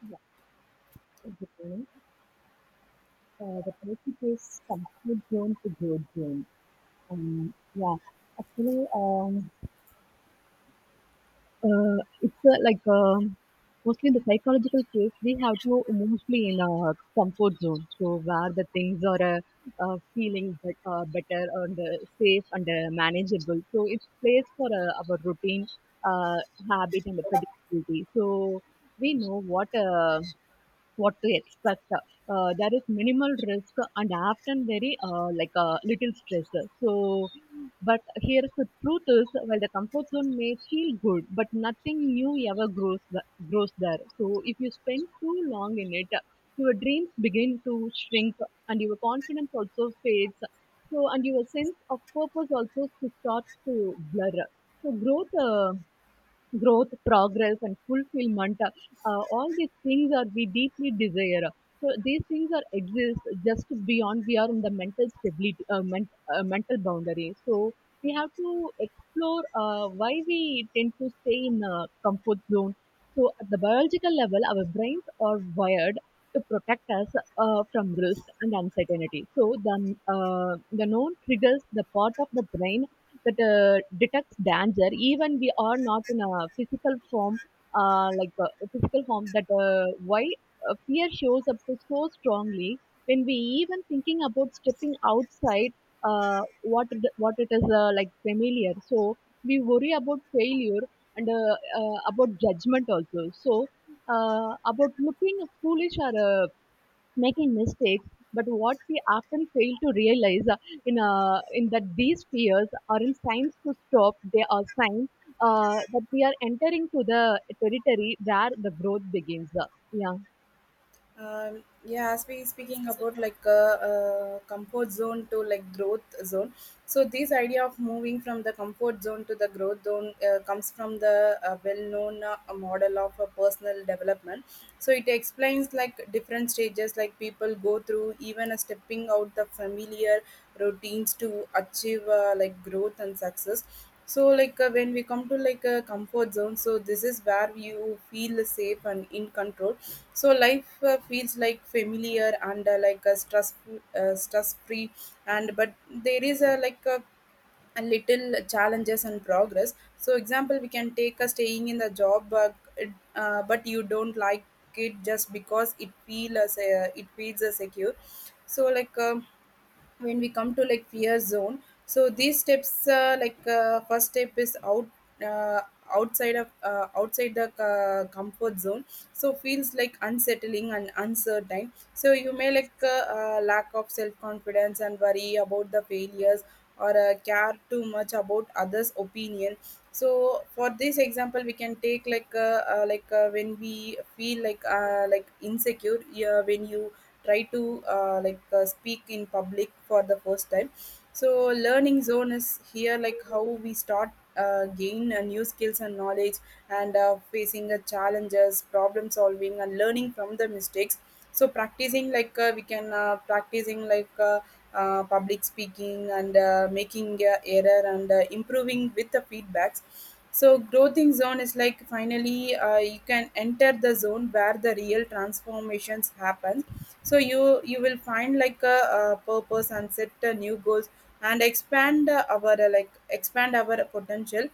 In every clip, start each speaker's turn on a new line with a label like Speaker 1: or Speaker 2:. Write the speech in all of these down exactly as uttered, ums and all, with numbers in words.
Speaker 1: Yeah, exactly. Uh, the topic is comfort zone to growth zone. Um, yeah, actually, um, uh, it's uh, like um, Mostly the psychological case we have to mostly in our comfort zone, so where the things are uh, uh, feeling bet- uh, better and uh, safe and uh, manageable. So it's place for uh, our routine, uh, habit and the predictability. So we know what. Uh, what to expect. Uh, there is minimal risk and often very uh, like uh, little stress. So, but here's the truth is while the comfort zone may feel good, but nothing new ever grows th- grows there. So if you spend too long in it, your dreams begin to shrink and your confidence also fades. So and your sense of purpose also to start to blur. So growth. Uh, growth, progress, and fulfillment. Uh, all these things are we deeply desire. So these things are exist just beyond we are in the mental stability, uh, ment- uh, mental boundary. So we have to explore uh, why we tend to stay in a comfort zone. So at the biological level, our brains are wired to protect us uh, from risk and uncertainty. So the uh, the known triggers the part of the brain that uh, detects danger even we are not in a physical form uh, like uh, a physical form that uh, why uh, fear shows up so strongly when we even thinking about stepping outside uh, what it, what it is uh, like familiar so we worry about failure and uh, uh, about judgment also so uh, about looking foolish or uh, making mistakes. But what we often fail to realize uh, in uh, in that these fears aren't signs to stop; they are signs uh, that we are entering to the territory where the growth begins. Uh, Yeah.
Speaker 2: Um, yeah, spe- speaking about like a, uh comfort zone to like growth zone. So this idea of moving from the comfort zone to the growth zone uh, comes from the uh, well-known uh, model of uh, personal development. So it explains like different stages like people go through, even a stepping out the familiar routines to achieve uh, like growth and success. So like uh, when we come to like a comfort zone, so this is where you feel safe and in control, so life uh, feels like familiar and uh, like a stress uh, stress free, and but there is a like a a little challenges and progress. So example we can take a staying in the job, uh, it- uh, but you don't like it just because it feels uh, it feels uh, secure. So like um when we come to like fear zone, so these steps uh, like uh, first step is out, uh, outside of uh, outside the uh, comfort zone, so feels like unsettling and uncertain. So you may like uh, uh, lack of self confidence and worry about the failures or uh, care too much about others opinion. So for this example we can take like uh, uh, like uh, when we feel like uh, like insecure, yeah, when you try to uh, like uh, speak in public for the first time. So learning zone is here, like how we start uh, gain uh, new skills and knowledge and uh, facing the challenges, problem solving and learning from the mistakes. So practicing like uh, we can uh, practicing like uh, uh, public speaking and uh, making uh, error and uh, improving with the feedbacks. So growing zone is like finally uh, you can enter the zone where the real transformations happen. So you you will find like a, uh purpose and set uh, new goals and expand uh, our uh, like expand our potential.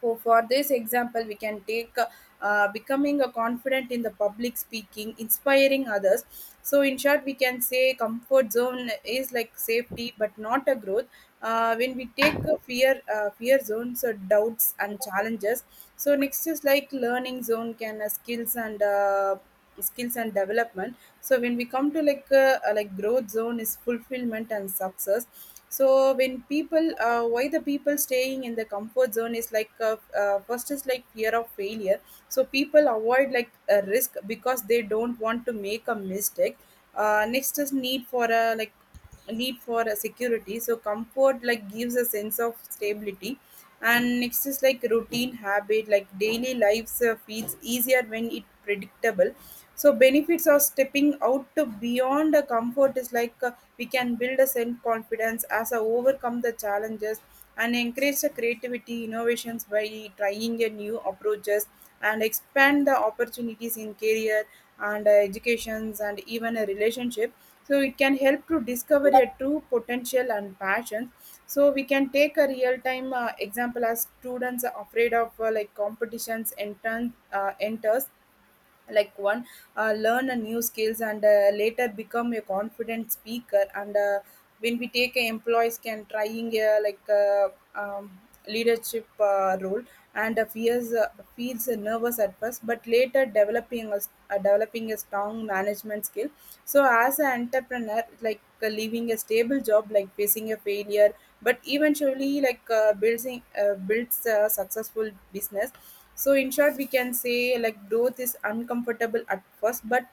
Speaker 2: So for this example we can take uh, uh, becoming a confident in the public speaking, inspiring others. So in short we can say comfort zone is like safety but not a growth. Uh, when we take a fear uh, fear zones, so doubts and challenges. So next is like learning zone can uh, skills and uh, skills and development. So when we come to like uh, uh, like growth zone is fulfillment and success. So when people uh, why the people staying in the comfort zone is like uh, uh, first is like fear of failure. So people avoid like a risk because they don't want to make a mistake. Uh, next is need for a like need for a security, so comfort like gives a sense of stability. And next is like routine habit, like daily lives uh, feels easier when it predictable. So benefits of stepping out to beyond a comfort is like uh, we can build a self confidence as a overcome the challenges and encourage the creativity innovations by trying a new approaches and expand the opportunities in career and uh, educations and even a relationship. So it can help to discover your true potential and passion. So we can take a real time uh, example as students are afraid of uh, like competitions enter, uh, enters like one uh, learn a new skills and uh, later become a confident speaker. And uh, when we take a employees can trying a like uh, um, leadership uh, role and uh, fears, uh, feels nervous at first but later developing a, s- uh, developing a strong management skill. So as an entrepreneur, like uh, leaving a stable job, like facing a failure but eventually like uh, building uh, builds a successful business. So in short we can say like growth is uncomfortable at first, but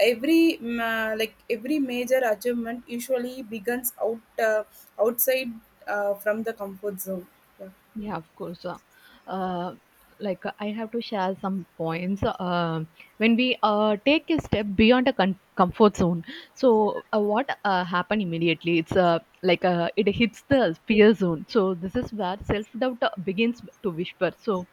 Speaker 2: every mm, uh, like every major achievement usually begins out, uh, outside, uh, from the comfort zone, yeah.
Speaker 1: Yeah, of course. Uh, uh, like uh, I have to share some points. Uh, when we uh, take a step beyond a con- comfort zone, so uh, what uh, happen immediately? It's uh, like uh, it hits the fear zone. So this is where self doubt uh, begins to whisper. So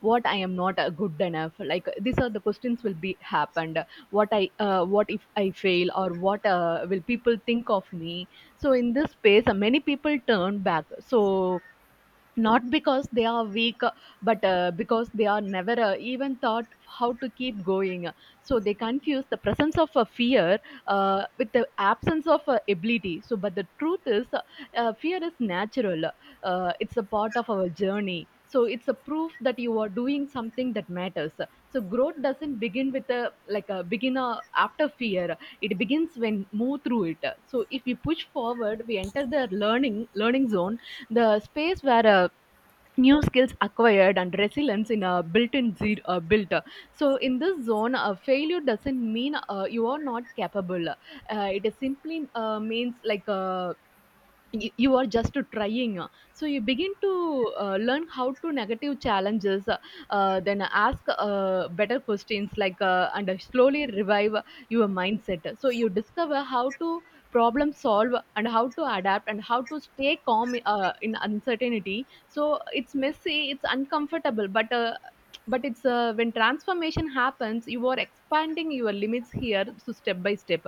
Speaker 1: what I am not uh, good enough. Like these are the questions will be happened. What I uh, what if I fail or what uh, will people think of me? So in this space, uh, many people turn back. So not because they are weak but uh, because they are never uh, even thought how to keep going, so they confuse the presence of a fear uh, with the absence of uh, ability so but the truth is uh, fear is natural, uh, it's a part of our journey so it's a proof that you are doing something that matters. So growth doesn't begin with a like a beginner after fear, it begins when move through it. So if we push forward we enter the learning learning zone, the space where uh, new skills acquired and resilience in a built-in zero uh, built. So in this zone uh, failure doesn't mean uh, you are not capable, uh, it is simply uh, means like uh, y- you are just trying. So you begin to uh, learn how to negative challenges uh, then ask uh, better questions like uh, and slowly revive your mindset. So you discover how to problem solve and how to adapt and how to stay calm uh, in uncertainty. So it's messy, it's uncomfortable, but uh, but it's uh, when transformation happens you are expanding your limits here. So step by step,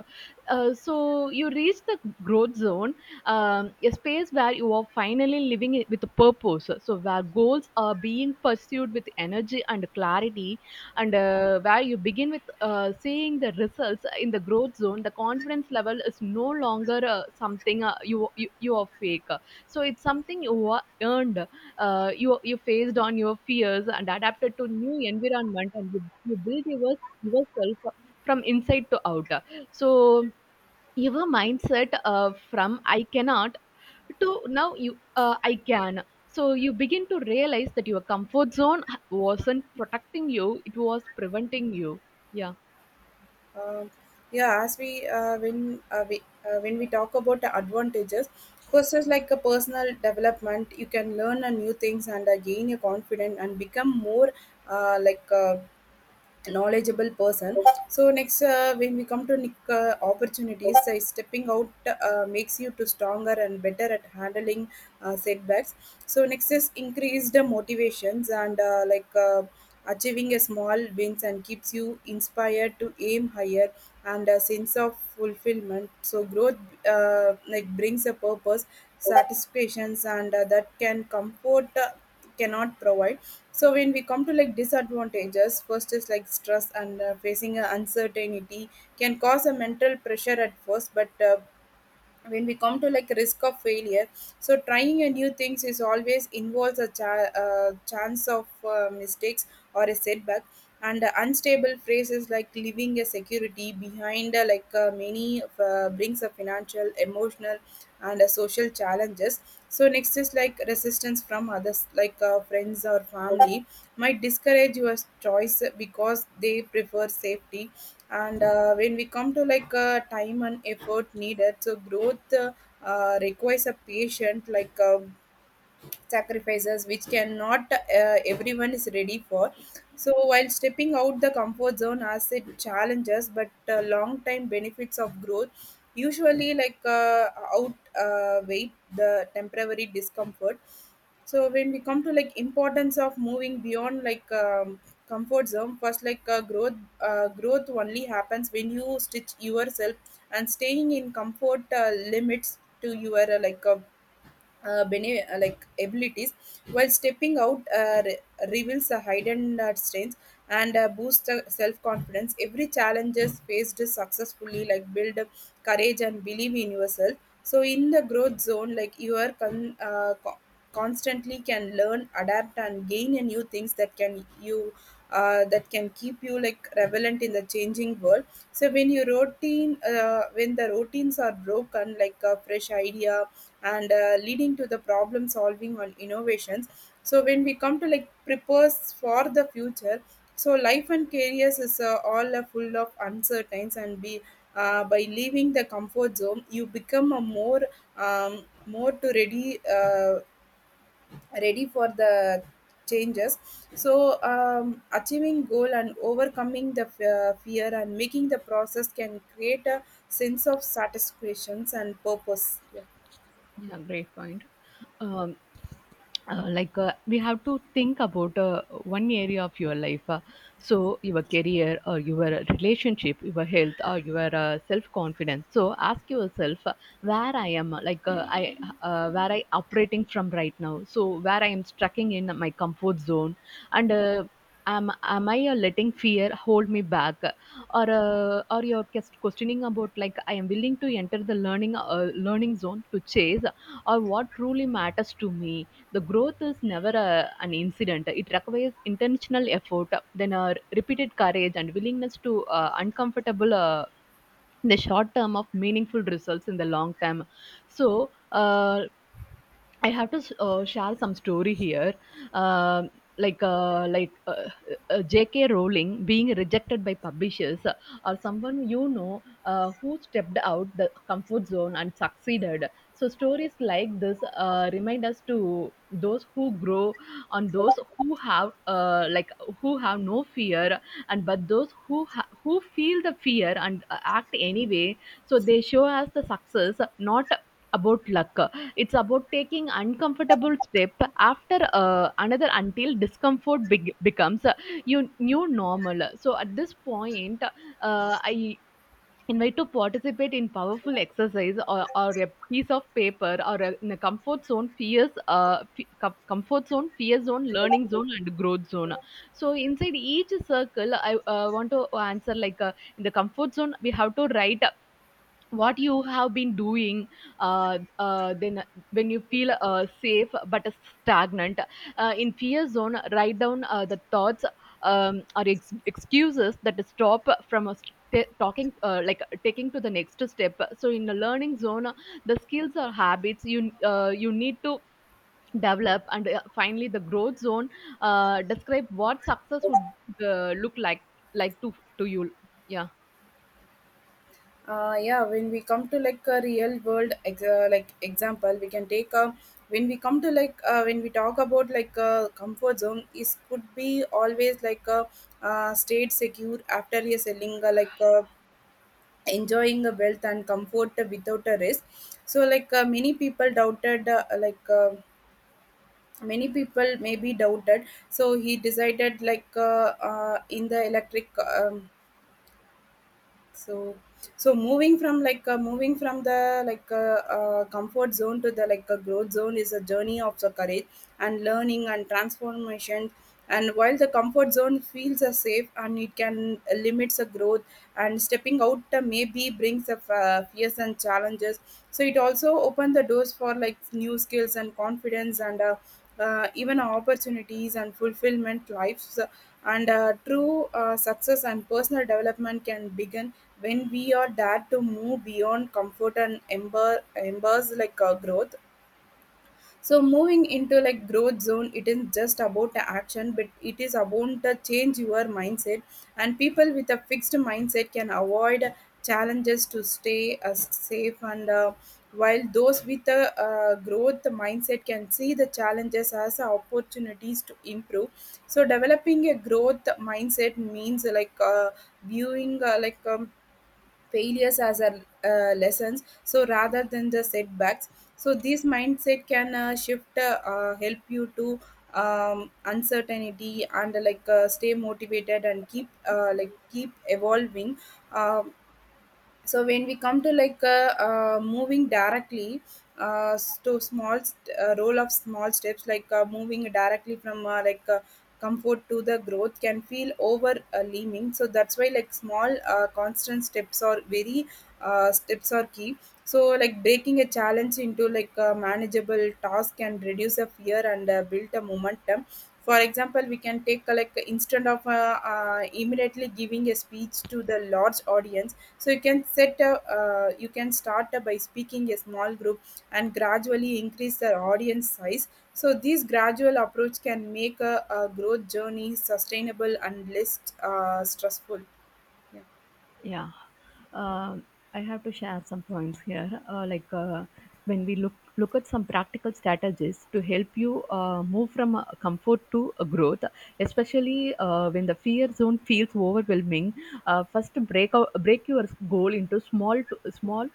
Speaker 1: uh, so you reach the growth zone, um, a space where you are finally living it with a purpose. So where goals are being pursued with energy and clarity and uh, where you begin with uh, seeing the results in the growth zone, the confidence level is no longer uh, something uh, you, you you are fake. So it's something you are earned. uh, you you faced on your fears and adapted to new environment and you, you build your, yourself from inside to out. So your mindset uh, from I cannot to now you uh, I can. So you begin to realize that your comfort zone wasn't protecting you, it was preventing you. Yeah.
Speaker 2: Um, yeah, as we uh, when uh, we uh, when we talk about the advantages, first is like a personal development. You can learn a new things and uh, gain your confidence and become more uh, like. Uh, knowledgeable person. So next uh, when we come to nic- uh, opportunities, uh, stepping out uh, makes you to stronger and better at handling uh, setbacks. So next is increased motivations and uh, like uh, achieving a small wins and keeps you inspired to aim higher and a sense of fulfillment. So growth uh, like brings a purpose satisfactions and uh, that can comfort uh, cannot provide. So when we come to like disadvantages, first is like stress and uh, facing a uncertainty can cause a mental pressure at first. But uh, when we come to like risk of failure, so trying a new things is always involves a cha- uh, chance of uh, mistakes or a setback. And uh, unstable phrases like leaving a security behind, uh, like uh, many of, uh, brings a financial emotional and uh, social challenges. So next is like resistance from others like uh, friends or family might discourage your choice because they prefer safety. And uh, when we come to like uh, time and effort needed, so growth uh, uh, requires a patient like um sacrifices which cannot uh, everyone is ready for. So while stepping out the comfort zone as it challenges, but uh, long time benefits of growth usually like uh, out, uh, weight the temporary discomfort. So when we come to like importance of moving beyond like um, comfort zone, first like uh, growth uh, growth only happens when you stitch yourself, and staying in comfort uh, limits to your uh, like uh, uh, bene- uh, like abilities, while stepping out uh, re- reveals the hidden uh, strengths and uh, boosts the self-confidence. Every challenge is faced successfully like build up courage and believe in yourself. So in the growth zone, like you are con- uh, co- constantly can learn, adapt, and gain a new things that can you uh, that can keep you like relevant in the changing world. So when your routine, uh, when the routines are broken, like a fresh idea and uh, leading to the problem solving on innovations. So when we come to like prepares for the future, so life and careers is uh, all uh, full of uncertainties and be. Uh, by leaving the comfort zone, you become a more um, more to ready. Uh, ready for the changes. So um, achieving goal and overcoming the f- uh, fear and making the process can create a sense of satisfaction and purpose, yeah.
Speaker 1: Yeah, great point. um, uh, like uh, we have to think about uh, one area of your life, uh, so your career or your relationship, your health or your uh, self confidence. So ask yourself uh, where I am uh, like uh, I uh, where I operating from right now, so where I am strucking in my comfort zone and uh, am am I uh, letting fear hold me back, or uh, or you're just questioning about like I am willing to enter the learning uh, learning zone to chase, or what truly matters to me? The growth is never a, an incident. It requires intentional effort, then uh, repeated courage and willingness to uh, uncomfortable. Uh, in the short term of meaningful results in the long term. So uh, I have to uh, share some story here. Um like uh, like uh, uh, J K. Rowling being rejected by publishers, uh, or someone you know uh, who stepped out the comfort zone and succeeded. So stories like this uh, remind us to those who grow, on those who have uh, like who have no fear, and but those who ha- who feel the fear and uh, act anyway. So they show us the success, not about luck. It's about taking uncomfortable step after uh, another until discomfort beg- becomes uh, your new normal. So at this point, uh, I invite to participate in powerful exercise or, or a piece of paper or a, in a comfort zone fears uh, fe- com- comfort zone, fear zone, learning zone and growth zone. So inside each circle I uh, want to answer like uh, in the comfort zone we have to write what you have been doing, uh, uh, then when you feel uh, safe but stagnant. Uh, in fear zone write down uh, the thoughts um, or ex- excuses that stop from us t- talking uh, like taking to the next step. So in the learning zone the skills or habits you uh, you need to develop and uh, finally the growth zone, uh, describe what success would uh, look like like to to you. Yeah.
Speaker 2: Uh, yeah, when we come to like a real world ex- uh, like example, we can take a when we come to like uh, when we talk about like a comfort zone is could be always like a uh, stayed secure after a selling uh, like a enjoying a wealth and comfort without a risk. So like uh, many people doubted uh, like uh, many people maybe doubted, so he decided like uh, uh, in the electric um, so. So moving from like uh, moving from the like uh, uh, comfort zone to the like uh, growth zone is a journey of the courage and learning and transformation. And while the comfort zone feels uh, safe and it can limits the growth and stepping out uh, maybe brings up uh, fears and challenges, so it also open the doors for like new skills and confidence and uh, uh, even opportunities and fulfillment lives. And uh, true uh, success and personal development can begin when we are dare to move beyond comfort and ember, embers like uh, growth. So moving into like growth zone, it isn't just about the action but it is about the change your mindset. And people with a fixed mindset can avoid challenges to stay uh, safe, and uh, while those with a uh, growth mindset can see the challenges as opportunities to improve. So developing a growth mindset means like uh, viewing uh, like um, failures as a uh, lessons, so rather than the setbacks. So this mindset can uh, shift uh, uh, help you to um, uncertainty and uh, like uh, stay motivated and keep uh, like keep evolving. Um so when we come to like uh, uh, moving directly, uh, s- to small st- uh, role of small steps, like uh, moving directly from uh, like uh, comfort to the growth can feel overwhelming. So that's why like small uh, constant steps are very uh, steps are key. So like breaking a challenge into like a manageable task can reduce a fear and uh, build a momentum. For example we can take uh, like instead of uh, uh, immediately giving a speech to the large audience. So you can set a uh, you can start uh, by speaking a small group and gradually increase the audience size. So this gradual approach can make a, a growth journey sustainable and less uh, stressful, yeah.
Speaker 1: Yeah. Um I have to share some points here. Uh, like uh, when we look look at some practical strategies to help you uh, move from uh, comfort to uh, growth, especially uh, when the fear zone feels overwhelming. Uh, first, break out, break your goal into small to, small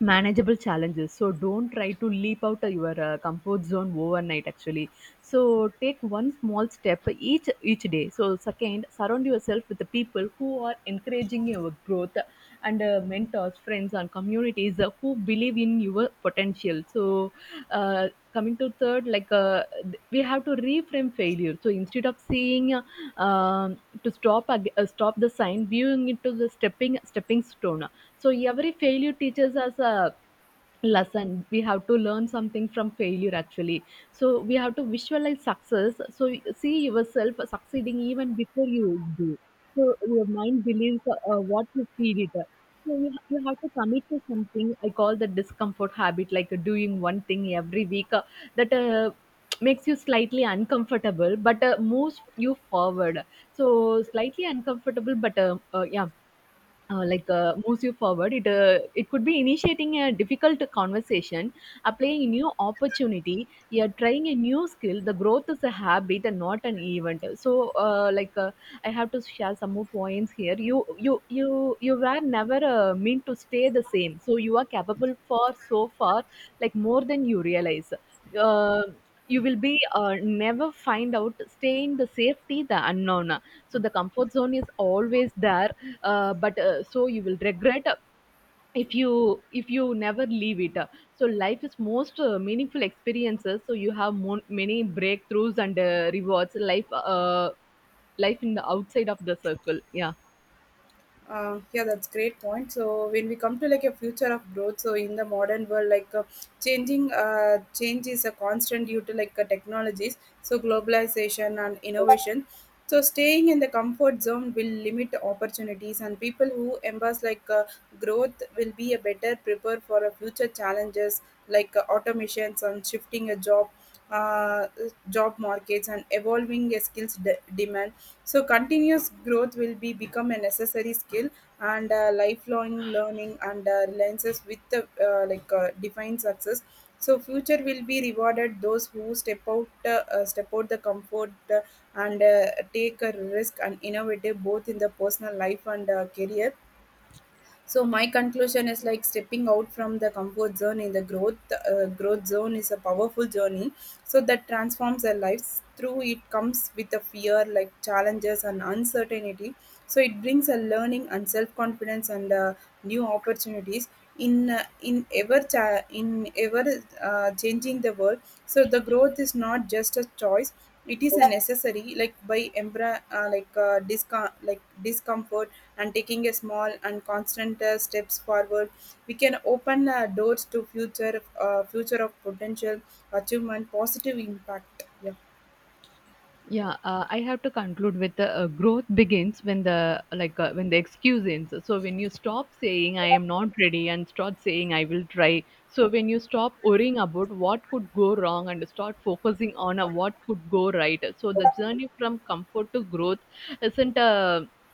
Speaker 1: manageable challenges. So don't try to leap out of your uh, comfort zone overnight actually, so take one small step each each day. So second, surround yourself with the people who are encouraging your growth and uh, mentors, friends and communities uh, who believe in your potential. So uh, coming to third, like uh, th- we have to reframe failure. So instead of seeing uh, um to stop ag- uh, stop the sign, viewing it to the stepping stepping stone. So every failure teaches us a lesson. We have to learn something from failure actually. So we have to visualize success. So see yourself succeeding even before you do. So your mind believes uh, what you feed it. So you, you have to commit to something. I call the discomfort habit, like doing one thing every week uh, that uh, makes you slightly uncomfortable, but uh, moves you forward. So slightly uncomfortable, but uh, uh, yeah, uh, like uh, moves you forward. It uh, it could be initiating a difficult conversation, applying a new opportunity, yeah, trying a new skill. The growth is a habit and not an event. So uh, like uh, I have to share some more points here. You you you you were never uh, meant to stay the same. So you are capable for so far, like more than you realize. Uh, you will be uh, never find out staying the safety the unknown, so the comfort zone is always there uh, but uh, so you will regret if you if you never leave it. Uh, so life is most uh, meaningful experiences, so you have mon- many breakthroughs and uh, rewards life uh, life in the outside of the circle. Yeah.
Speaker 2: Uh, yeah, that's great point. So when we come to like a future of growth, so in the modern world, like uh, changing, uh, change is a constant due to like uh, technologies, so globalization and innovation. So staying in the comfort zone will limit the opportunities, and people who embrace like uh, growth will be a better prepared for a future challenges like uh, automations and shifting a job, uh, job markets and evolving a skills de- demand. So continuous growth will be become a necessary skill and uh, lifelong learning and uh, reliances with the uh, like uh, defined success. So future will be rewarded those who step out uh, uh, step out the comfort, uh, and uh, take a risk and innovative both in the personal life and uh, career. So my conclusion is like stepping out from the comfort zone in the growth uh, growth zone is a powerful journey, so that transforms our lives through it comes with the fear like challenges and uncertainty. So it brings a learning and self confidence and uh, new opportunities in uh, in ever cha- in ever uh, changing the world. So the growth is not just a choice, it is a necessary like by embra uh, like uh, discom- like discomfort and taking a small and constant uh, steps forward. We can open uh, doors to future uh, future of potential achievement positive impact, yeah.
Speaker 1: Yeah, uh, I have to conclude with the uh, growth begins when the like uh, when the excuse ends. So when you stop saying I am not ready and start saying I will try. So when you stop worrying about what could go wrong and start focusing on uh, what could go right. So the journey from comfort to growth isn't a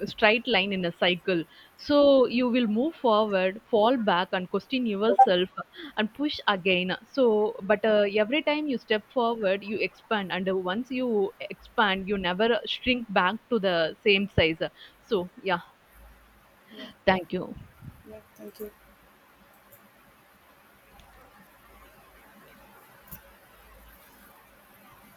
Speaker 1: a straight line in a cycle. So you will move forward, fall back, and question yourself and push again. So, but uh, every time you step forward, you expand, and uh, once you expand, you never shrink back to the same size. So, yeah,
Speaker 2: yeah
Speaker 1: thank you.
Speaker 2: yeah Thank you.